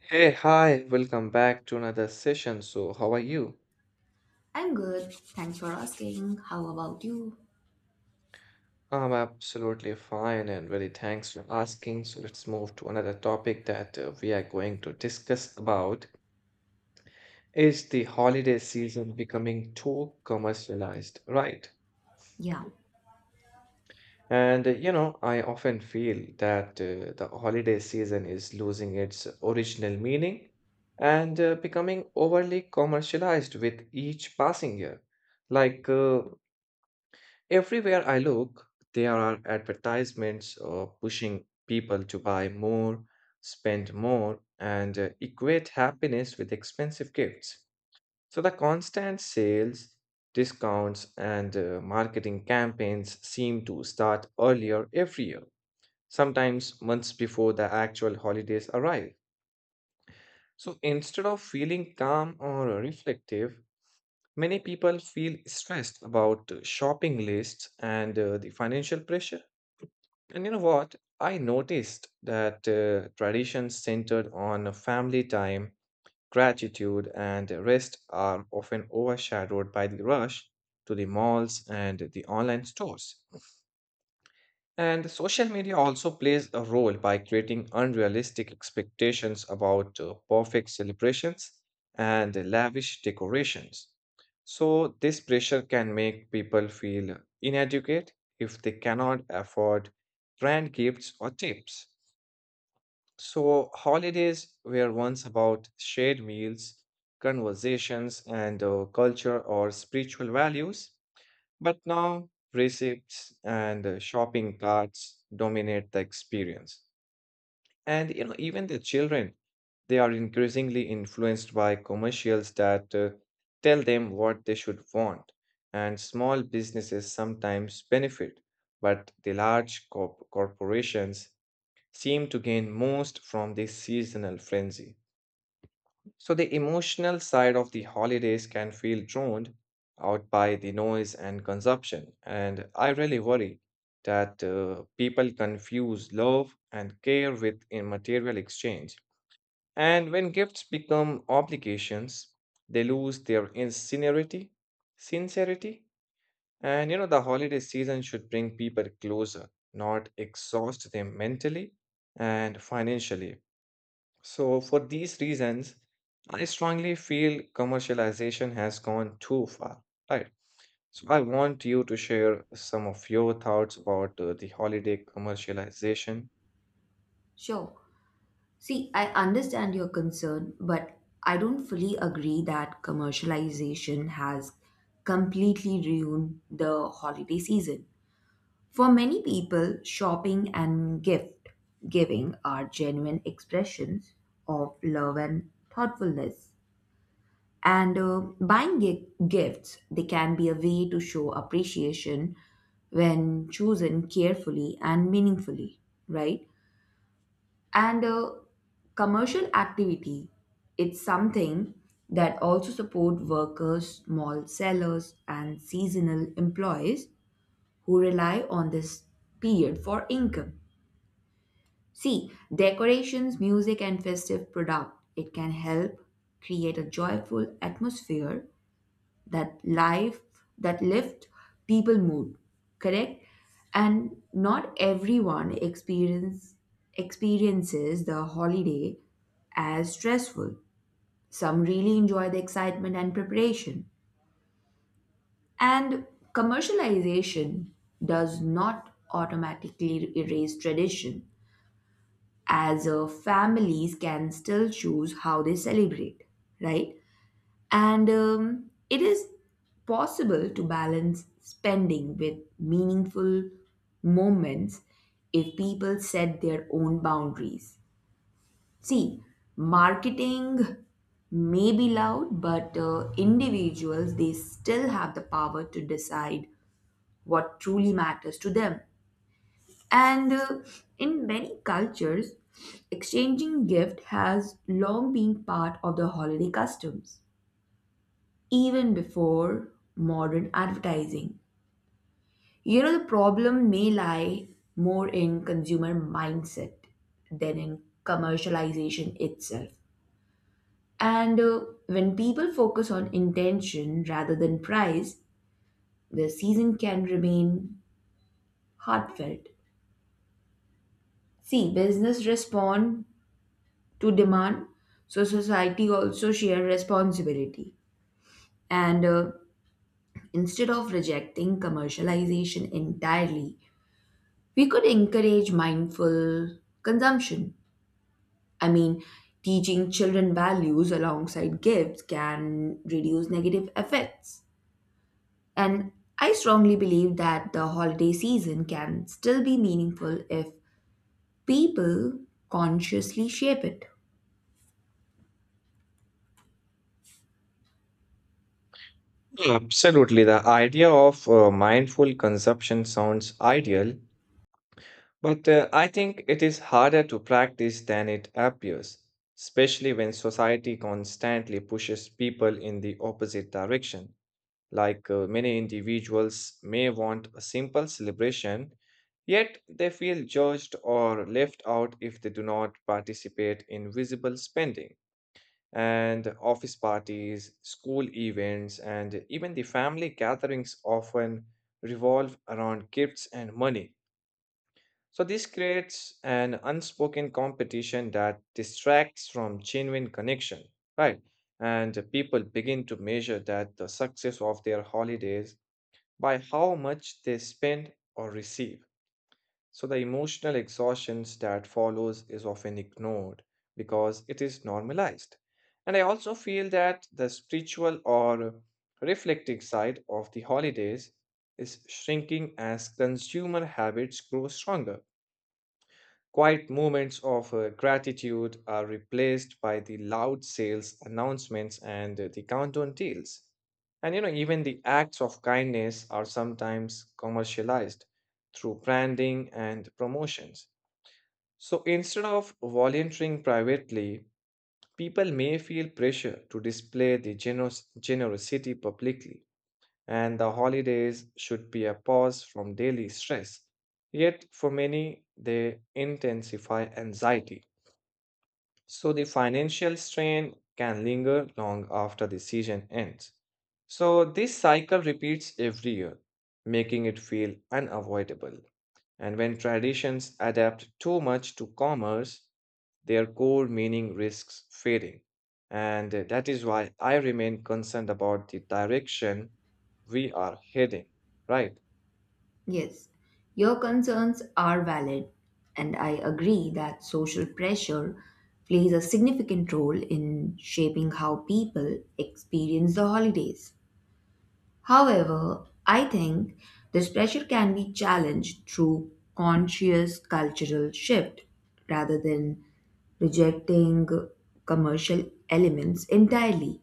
Hey, hi, welcome back to another session. So, how are you? I'm good. Thanks for asking. How about you? I'm absolutely fine and very thanks for asking. So, let's move to another topic that we are going to discuss about is the holiday season becoming too commercialized, right? Yeah, And I often feel that the holiday season is losing its original meaning and becoming overly commercialized with each passing year. Like uh, Everywhere I look, there are advertisements pushing people to buy more, spend more, and equate happiness with expensive gifts. So the constant sales, discounts, and marketing campaigns seem to start earlier every year, sometimes months before the actual holidays arrive. So instead of feeling calm or reflective, many people feel stressed about shopping lists and the financial pressure. And you know what? I noticed that traditions centered on family time, gratitude, and rest are often overshadowed by the rush to the malls and the online stores. And social media also plays a role by creating unrealistic expectations about perfect celebrations and lavish decorations. So, this pressure can make people feel inadequate if they cannot afford brand gifts or tips. So, holidays were once about shared meals, conversations, and culture or spiritual values, but now, receipts and shopping carts dominate the experience. And you know, even the children, they are increasingly influenced by commercials that tell them what they should want. And small businesses sometimes benefit, but the corporations seem to gain most from this seasonal frenzy. So the emotional side of the holidays can feel drowned out by the noise and consumption. And I really worry that people confuse love and care with a material exchange. And when gifts become obligations, they lose their sincerity. And you know, the holiday season should bring people closer, not exhaust them mentally and financially. So, for these reasons, I strongly feel commercialization has gone too far, right? So, I want you to share some of your thoughts about the holiday commercialization. sure. See, I understand your concern, but I don't fully agree that commercialization has completely ruined the holiday season. For many people, shopping and gift giving are genuine expressions of love and thoughtfulness. And Buying gifts, they can be a way to show appreciation when chosen carefully and meaningfully, right? And Commercial activity, it's something that also support workers, small sellers, and seasonal employees who rely on this period for income. See, decorations, music, and festive product, it can help create a joyful atmosphere that life that lift people mood, correct? And not everyone experiences the holiday as stressful. Some really enjoy the excitement and preparation, and commercialization does not automatically erase tradition, as families can still choose how they celebrate, right? And It is possible to balance spending with meaningful moments if people set their own boundaries. See, marketing may be loud, but individuals, they still have the power to decide what truly matters to them. And In many cultures, exchanging gift has long been part of the holiday customs, even before modern advertising. You know, the problem may lie more in consumer mindset than in commercialization itself. And When people focus on intention rather than price, the season can remain heartfelt. See, business respond to demand, so society also share responsibility. And instead of rejecting commercialization entirely, we could encourage mindful consumption. I mean, teaching children values alongside gifts can reduce negative effects. And I strongly believe that the holiday season can still be meaningful if people consciously shape it. Yeah, absolutely. The idea of mindful consumption sounds ideal, but I think it is harder to practice than it appears, especially when society constantly pushes people in the opposite direction. Many individuals may want a simple celebration, yet they feel judged or left out if they do not participate in visible spending. And office parties, school events, and even the family gatherings often revolve around gifts and money. So, this creates an unspoken competition that distracts from genuine connection, right? And people begin to measure that the success of their holidays by how much they spend or receive. So the emotional exhaustion that follows is often ignored because it is normalized. And I also feel that the spiritual or reflective side of the holidays is shrinking as consumer habits grow stronger. Quiet moments of gratitude are replaced by the loud sales announcements and the countdown deals. And you know, even the acts of kindness are sometimes commercialized through branding and promotions. So instead of volunteering privately, people may feel pressure to display the generous generosity publicly. And the holidays should be a pause from daily stress. Yet, for many, they intensify anxiety, so the financial strain can linger long after the season ends. So this cycle repeats every year, making it feel unavoidable. And when traditions adapt too much to commerce, their core meaning risks fading. And that is why I remain concerned about the direction we are heading, right? Yes, your concerns are valid, and I agree that social pressure plays a significant role in shaping how people experience the holidays. However, I think this pressure can be challenged through conscious cultural shift rather than rejecting commercial elements entirely.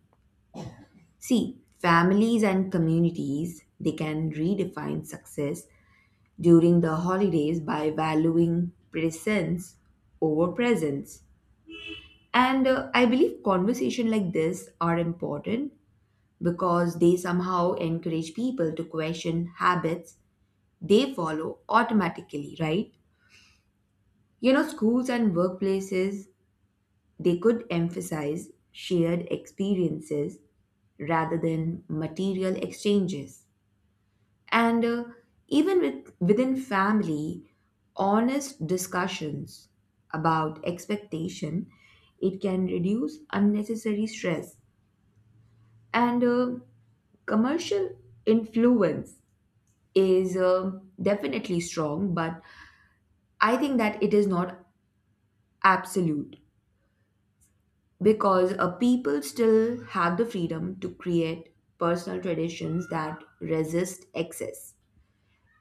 See, families and communities, they can redefine success during the holidays by valuing presence over presence. And I believe conversation like this are important because they somehow encourage people to question habits they follow automatically, right? You know, schools and workplaces, they could emphasize shared experiences rather than material exchanges. And even with, within family, honest discussions about expectation, it can reduce unnecessary stress. And Commercial influence is definitely strong, but I think that it is not absolute. Because people still have the freedom to create personal traditions that resist excess.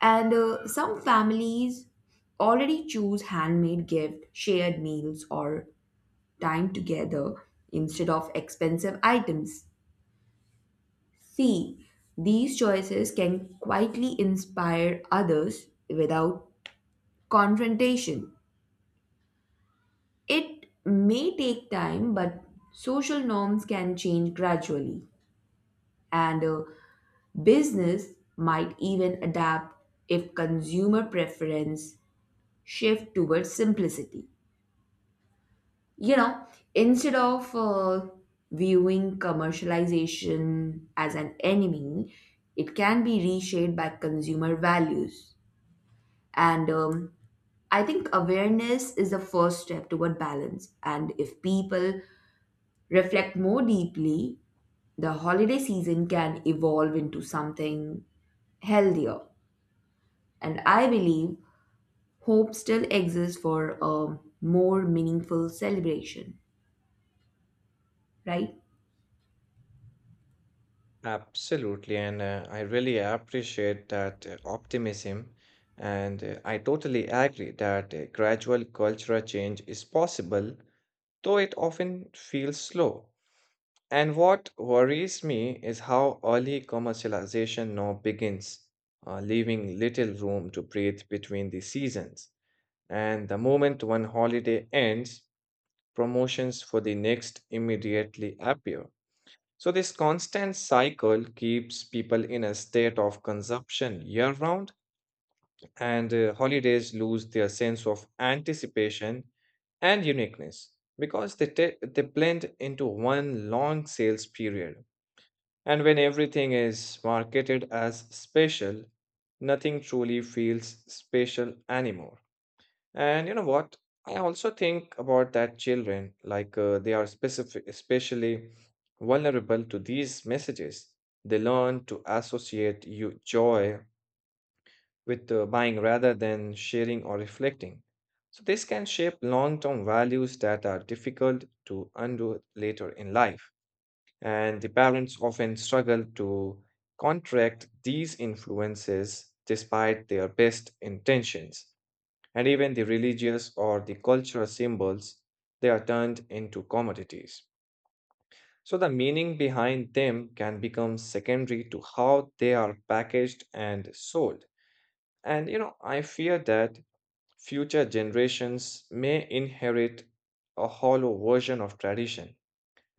And Some families already choose handmade gift, shared meals, or time together instead of expensive items. See, these choices can quietly inspire others without confrontation. It may take time, but social norms can change gradually. And Business might even adapt if consumer preference shift towards simplicity. You know, instead of viewing commercialization as an enemy, it can be reshaped by consumer values. And I think awareness is the first step toward balance, and if people reflect more deeply, the holiday season can evolve into something healthier. And I believe hope still exists for a more meaningful celebration, right? Absolutely, and I really appreciate that optimism. And I totally agree that a gradual cultural change is possible, though it often feels slow. And what worries me is how early commercialization now begins, leaving little room to breathe between the seasons. And the moment one holiday ends, promotions for the next immediately appear, so this constant cycle keeps people in a state of consumption year round, and holidays lose their sense of anticipation and uniqueness because they blend into one long sales period. And when everything is marketed as special, nothing truly feels special anymore. And you know what? I also think about that children, they are especially vulnerable to these messages. They learn to associate you joy with buying rather than sharing or reflecting. So this can shape long-term values that are difficult to undo later in life. And the parents often struggle to contract these influences despite their best intentions. And even the religious or the cultural symbols, they are turned into commodities. So the meaning behind them can become secondary to how they are packaged and sold. And you know, I fear that future generations may inherit a hollow version of tradition.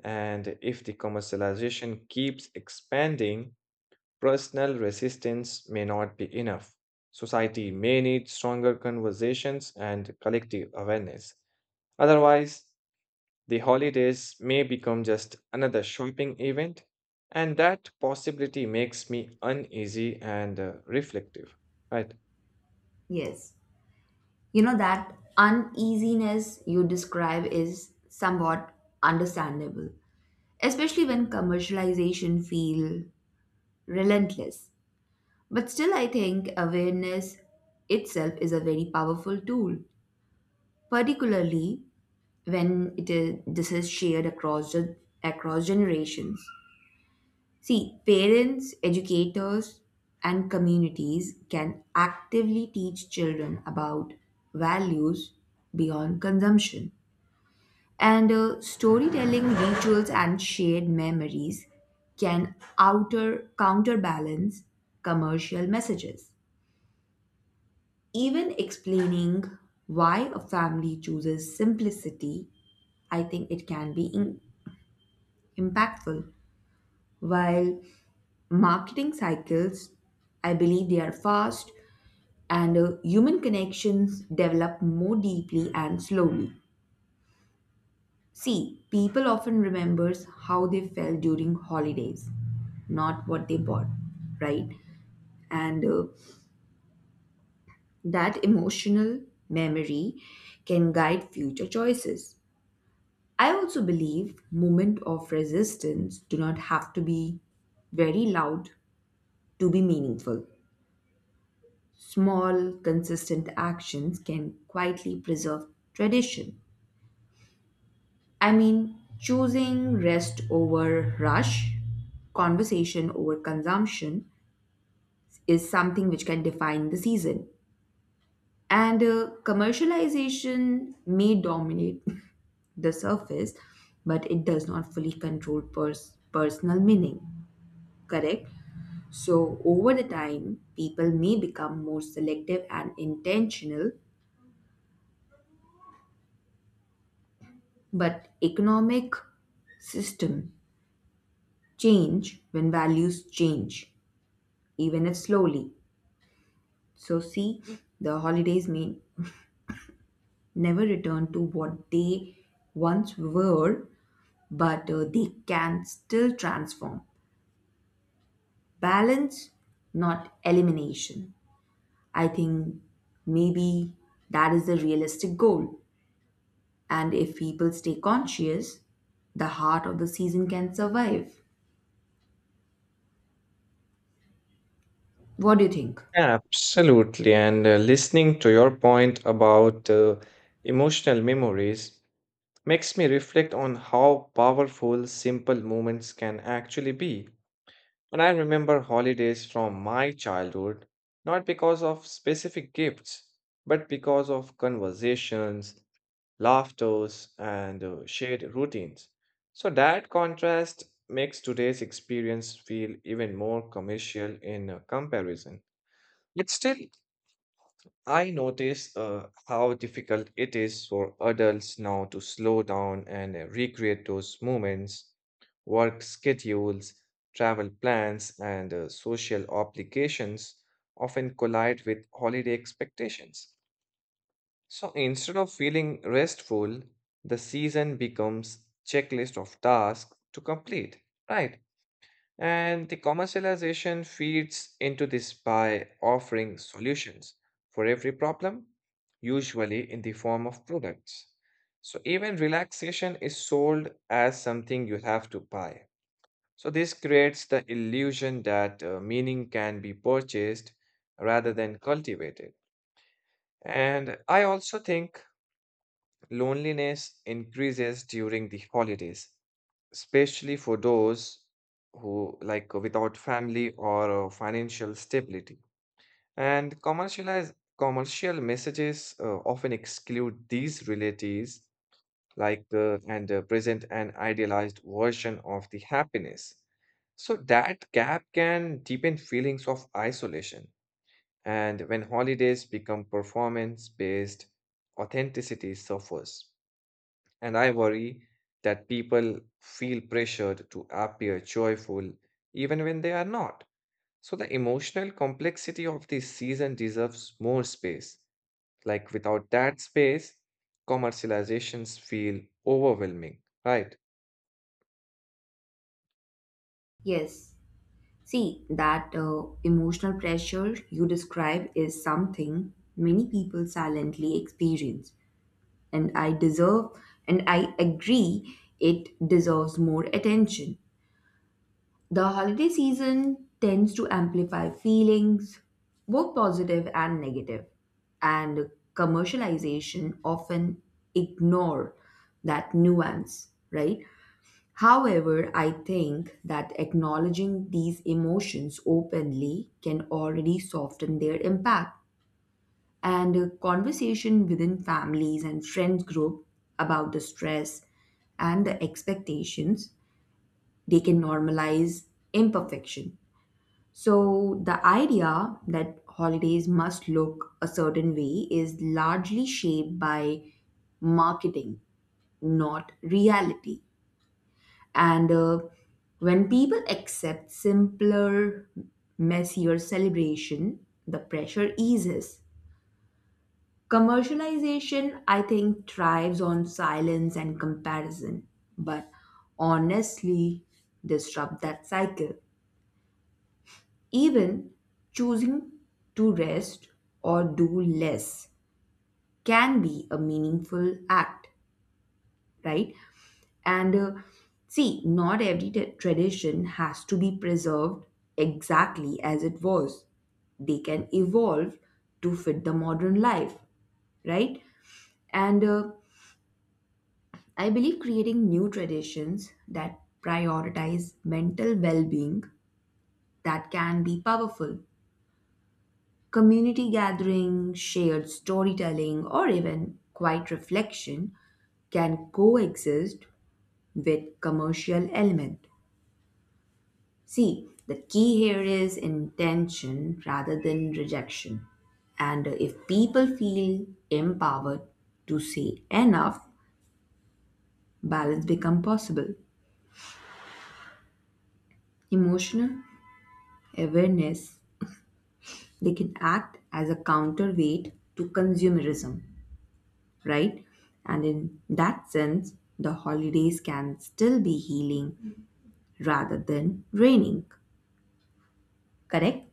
And if the commercialization keeps expanding, personal resistance may not be enough. Society may need stronger conversations and collective awareness. Otherwise, the holidays may become just another shopping event, and that possibility makes me uneasy and reflective, right? Yes. You know, that uneasiness you describe is somewhat understandable, especially when commercialization feel relentless. But still, I think awareness itself is a very powerful tool, particularly when this is shared across generations. See, parents, educators, and communities can actively teach children about values beyond consumption. And Storytelling, rituals, and shared memories can outer counterbalance commercial messages. Even explaining why a family chooses simplicity, I think it can be impactful. While marketing cycles, I believe they are fast, and human connections develop more deeply and slowly. See, people often remembers how they felt during holidays, not what they bought, right? And That emotional memory can guide future choices. I also believe moment of resistance do not have to be very loud to be meaningful. Small, consistent actions can quietly preserve tradition. I mean, choosing rest over rush, conversation over consumption is something which can define the season. And Commercialization may dominate the surface, but it does not fully control personal meaning, correct? So, over the time, people may become more selective and intentional, but economic system change when values change, even if slowly. So, see, the holidays may never return to what they once were, but they can still transform. Balance, not elimination. I think maybe that is the realistic goal. And if people stay conscious, the heart of the season can survive. What do you think? Absolutely. And listening to your point about emotional memories makes me reflect on how powerful simple moments can actually be. And I remember holidays from my childhood, not because of specific gifts, but because of conversations, laughters, and shared routines. So that contrast makes today's experience feel even more commercial in comparison. But still, I notice how difficult it is for adults now to slow down and recreate those moments. Work schedules, travel plans, and social obligations often collide with holiday expectations. So instead of feeling restful, the season becomes checklist of tasks to complete, right? And the commercialization feeds into this by offering solutions for every problem, usually in the form of products. So even relaxation is sold as something you have to buy. So this creates the illusion that meaning can be purchased rather than cultivated. And I also think loneliness increases during the holidays, especially for those who like without family or financial stability. And commercial messages often exclude these realities, like and present an idealized version of the happiness. So that gap can deepen feelings of isolation. And when holidays become performance-based, authenticity suffers. And I worry that people feel pressured to appear joyful even when they are not. So the emotional complexity of this season deserves more space. Like without that space, commercializations feel overwhelming, right? Yes. See, that emotional pressure you describe is something many people silently experience. And I deserve and I agree it deserves more attention. The holiday season tends to amplify feelings, both positive and negative, and commercialization often ignore that nuance, right? However, I think that acknowledging these emotions openly can already soften their impact, and a conversation within families and friends group about the stress and the expectations, they can normalize imperfection. So the idea that holidays must look a certain way is largely shaped by marketing, not reality. And When people accept simpler, messier celebration, the pressure eases. Commercialization, I think, thrives on silence and comparison, but honestly disrupt that cycle. Even choosing to rest or do less can be a meaningful act, right? And See, not every tradition has to be preserved exactly as it was. They can evolve to fit the modern life, right? And I believe creating new traditions that prioritize mental well being, that can be powerful. Community gathering, shared storytelling, or even quiet reflection can coexist with commercial element. See, the key here is intention rather than rejection. And if people feel empowered to say enough, balance become possible. Emotional awareness, they can act as a counterweight to consumerism, right? And in that sense, the holidays can still be healing rather than draining, correct?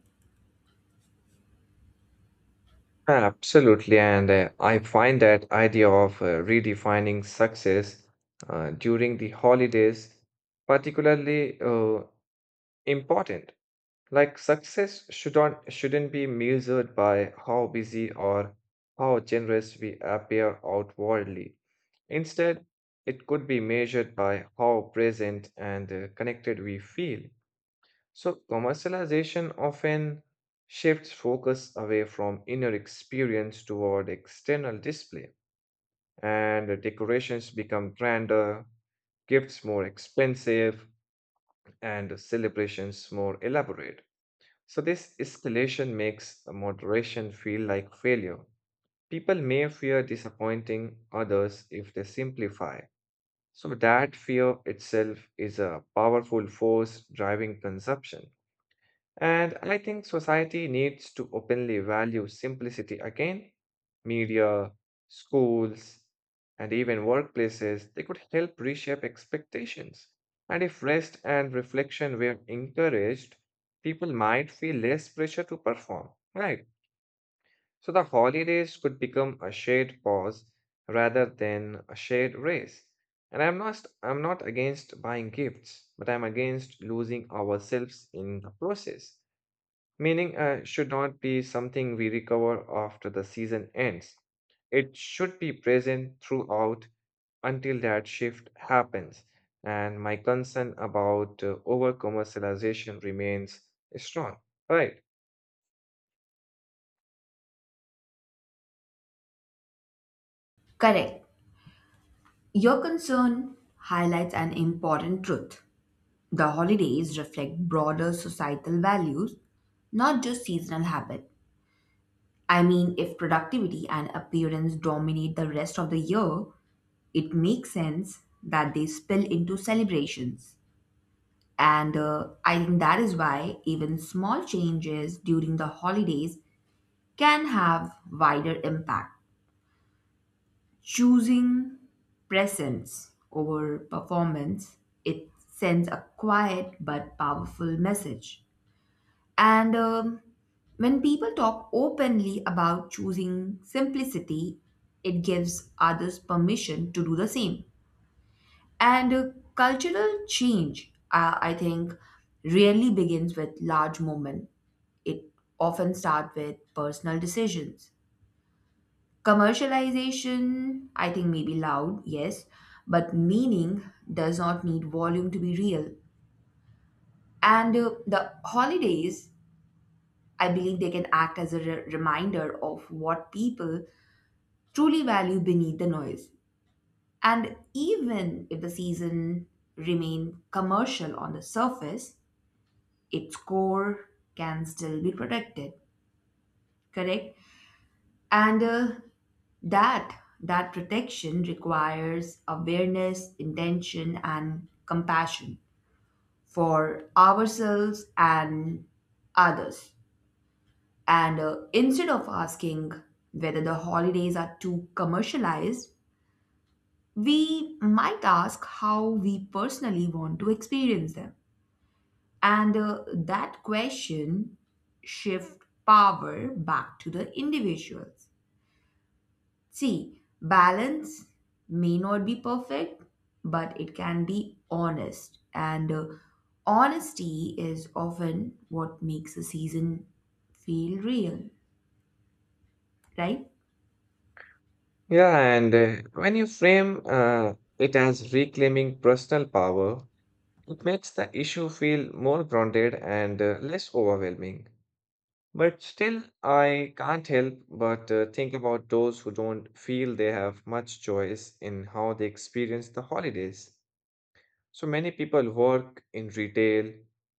Absolutely. And I find that idea of redefining success during the holidays particularly important. Like success should not shouldn't be measured by how busy or how generous we appear outwardly. Instead, it could be measured by how present and connected we feel. So, commercialization often shifts focus away from inner experience toward external display, and the decorations become grander, gifts more expensive, and celebrations more elaborate. So, this escalation makes moderation feel like failure. People may fear disappointing others if they simplify. So, that fear itself is a powerful force driving consumption. And I think society needs to openly value simplicity again. Media, schools, and even workplaces, they could help reshape expectations. And if rest and reflection were encouraged, people might feel less pressure to perform, right? So the holidays could become a shared pause rather than a shared race. And I'm not against buying gifts, but I'm against losing ourselves in the process. Meaning should not be something we recover after the season ends. It should be present throughout until that shift happens. And my concern about over commercialization remains strong. Right. Correct. Your concern highlights an important truth. The holidays reflect broader societal values, not just seasonal habit. I mean, if productivity and appearance dominate the rest of the year, it makes sense that they spill into celebrations. And I think that is why even small changes during the holidays can have wider impact. Choosing presence over performance, it sends a quiet but powerful message. And When people talk openly about choosing simplicity, it gives others permission to do the same. And Cultural change, I think, really begins with large movement. It often starts with personal decisions. Commercialization, I think, may be loud, yes, but meaning does not need volume to be real. And The holidays, I believe they can act as a reminder of what people truly value beneath the noise. And even if the season remain commercial on the surface, its core can still be protected, correct? And that That protection requires awareness, intention, and compassion for ourselves and others. And Instead of asking whether the holidays are too commercialized, we might ask how we personally want to experience them. And That question shift power back to the individuals. See, balance may not be perfect, but it can be honest. And Honesty is often what makes a season feel real, right? Yeah, and when you frame it as reclaiming personal power, it makes the issue feel more grounded and less overwhelming. But still, I can't help but think about those who don't feel they have much choice in how they experience the holidays. So many people work in retail,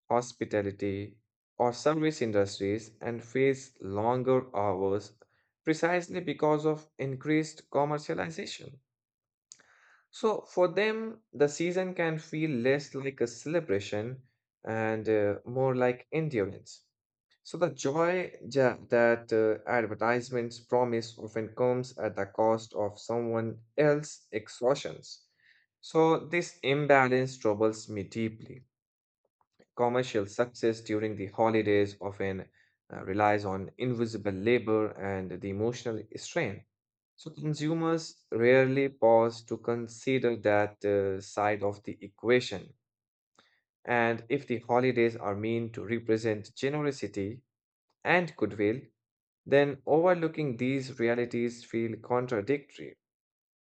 hospitality, or service industries and face longer hours precisely because of increased commercialization. So for them, the season can feel less like a celebration and more like endurance. So the that advertisements promise often comes at the cost of someone else's exhaustions. So this imbalance troubles me deeply. Commercial success during the holidays often relies on invisible labor and the emotional strain. So consumers rarely pause to consider that side of the equation. And if the holidays are meant to represent generosity and goodwill, then overlooking these realities feel contradictory.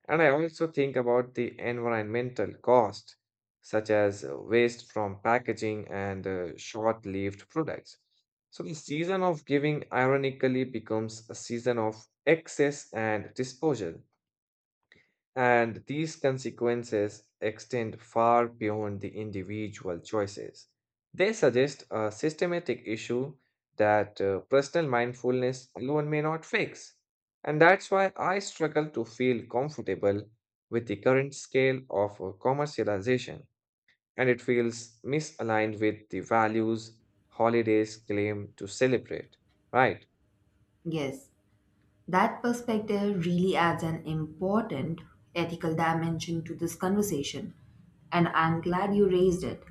And I also think about the environmental cost, such as waste from packaging and short-lived products. So the season of giving ironically becomes a season of excess and disposal. And these consequences extend far beyond the individual choices. They suggest a systematic issue that personal mindfulness alone may not fix. And that's why I struggle to feel comfortable with the current scale of commercialization. And it feels misaligned with the values holidays claim to celebrate, right? Yes, that perspective really adds an important ethical dimension to this conversation. And I'm glad you raised it.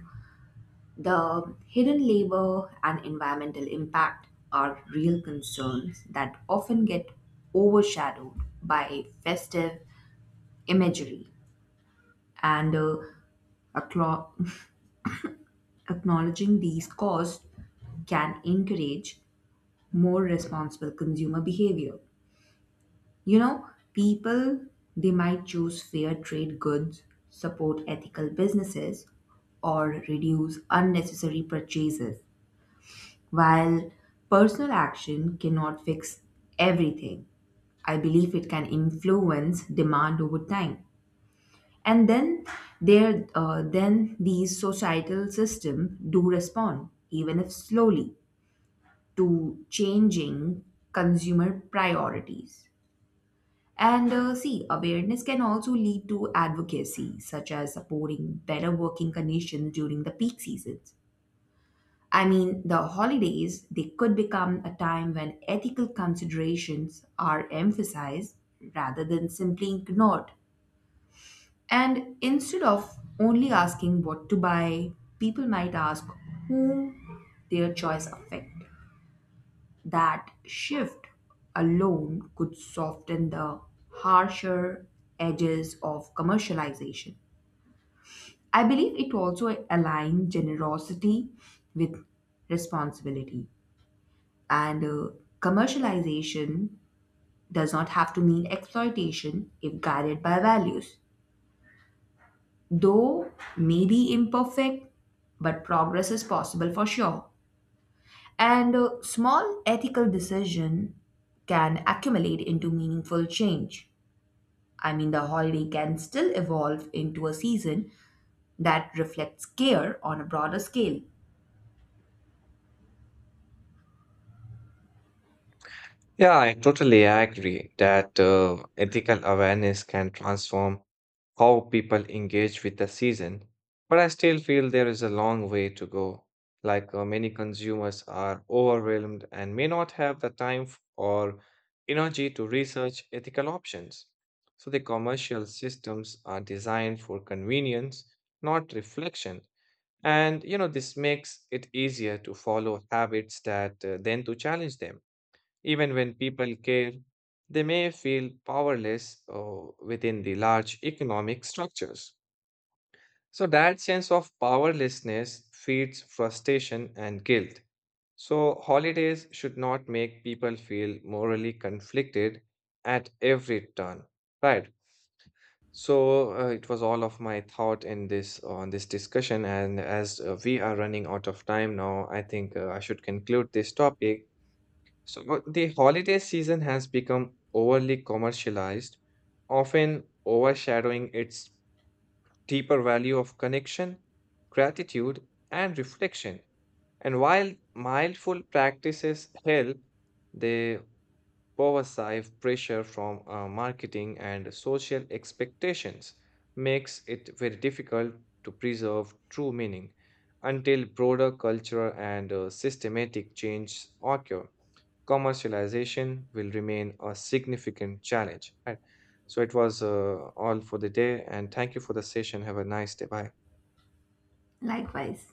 The hidden labor and environmental impact are real concerns that often get overshadowed by festive imagery, and acknow- acknowledging these costs can encourage more responsible consumer behavior. You know, people, they might choose fair trade goods, support ethical businesses, or reduce unnecessary purchases. While personal action cannot fix everything, I believe it can influence demand over time. And then then these societal systems do respond, even if slowly, to changing consumer priorities. And See, awareness can also lead to advocacy, such as supporting better working conditions during the peak seasons. I mean, the holidays, they could become a time when ethical considerations are emphasized rather than simply ignored. And instead of only asking what to buy, people might ask whom their choice affect. That shift alone could soften the harsher edges of commercialization. I believe it also aligns generosity with responsibility. And Commercialization does not have to mean exploitation if guided by values. Though maybe imperfect, but progress is possible for sure. And a small ethical decision can accumulate into meaningful change. I mean, the holiday can still evolve into a season that reflects care on a broader scale. Yeah, I totally agree that ethical awareness can transform how people engage with the season. But I still feel there is a long way to go. Many consumers are overwhelmed and may not have the or energy to research ethical options. So the commercial systems are designed for convenience, not reflection. And you know, this makes it easier to follow habits that then to challenge them. Even when people care, they may feel powerless within the large economic structures. So, that sense of powerlessness feeds frustration and guilt. So, holidays should not make people feel morally conflicted at every turn, right? So it was all of my thought in this on this discussion, and as we are running out of time now, I think I should conclude this topic. So the holiday season has become overly commercialized, often overshadowing its deeper value of connection, gratitude, and reflection. And while mindful practices help, they pervasive pressure from marketing and social expectations makes it very difficult to preserve true meaning until broader cultural and systematic change occur commercialization will remain a significant challenge. Right? So it was all for the day, and thank you for the session. Have a nice day. Bye. Likewise.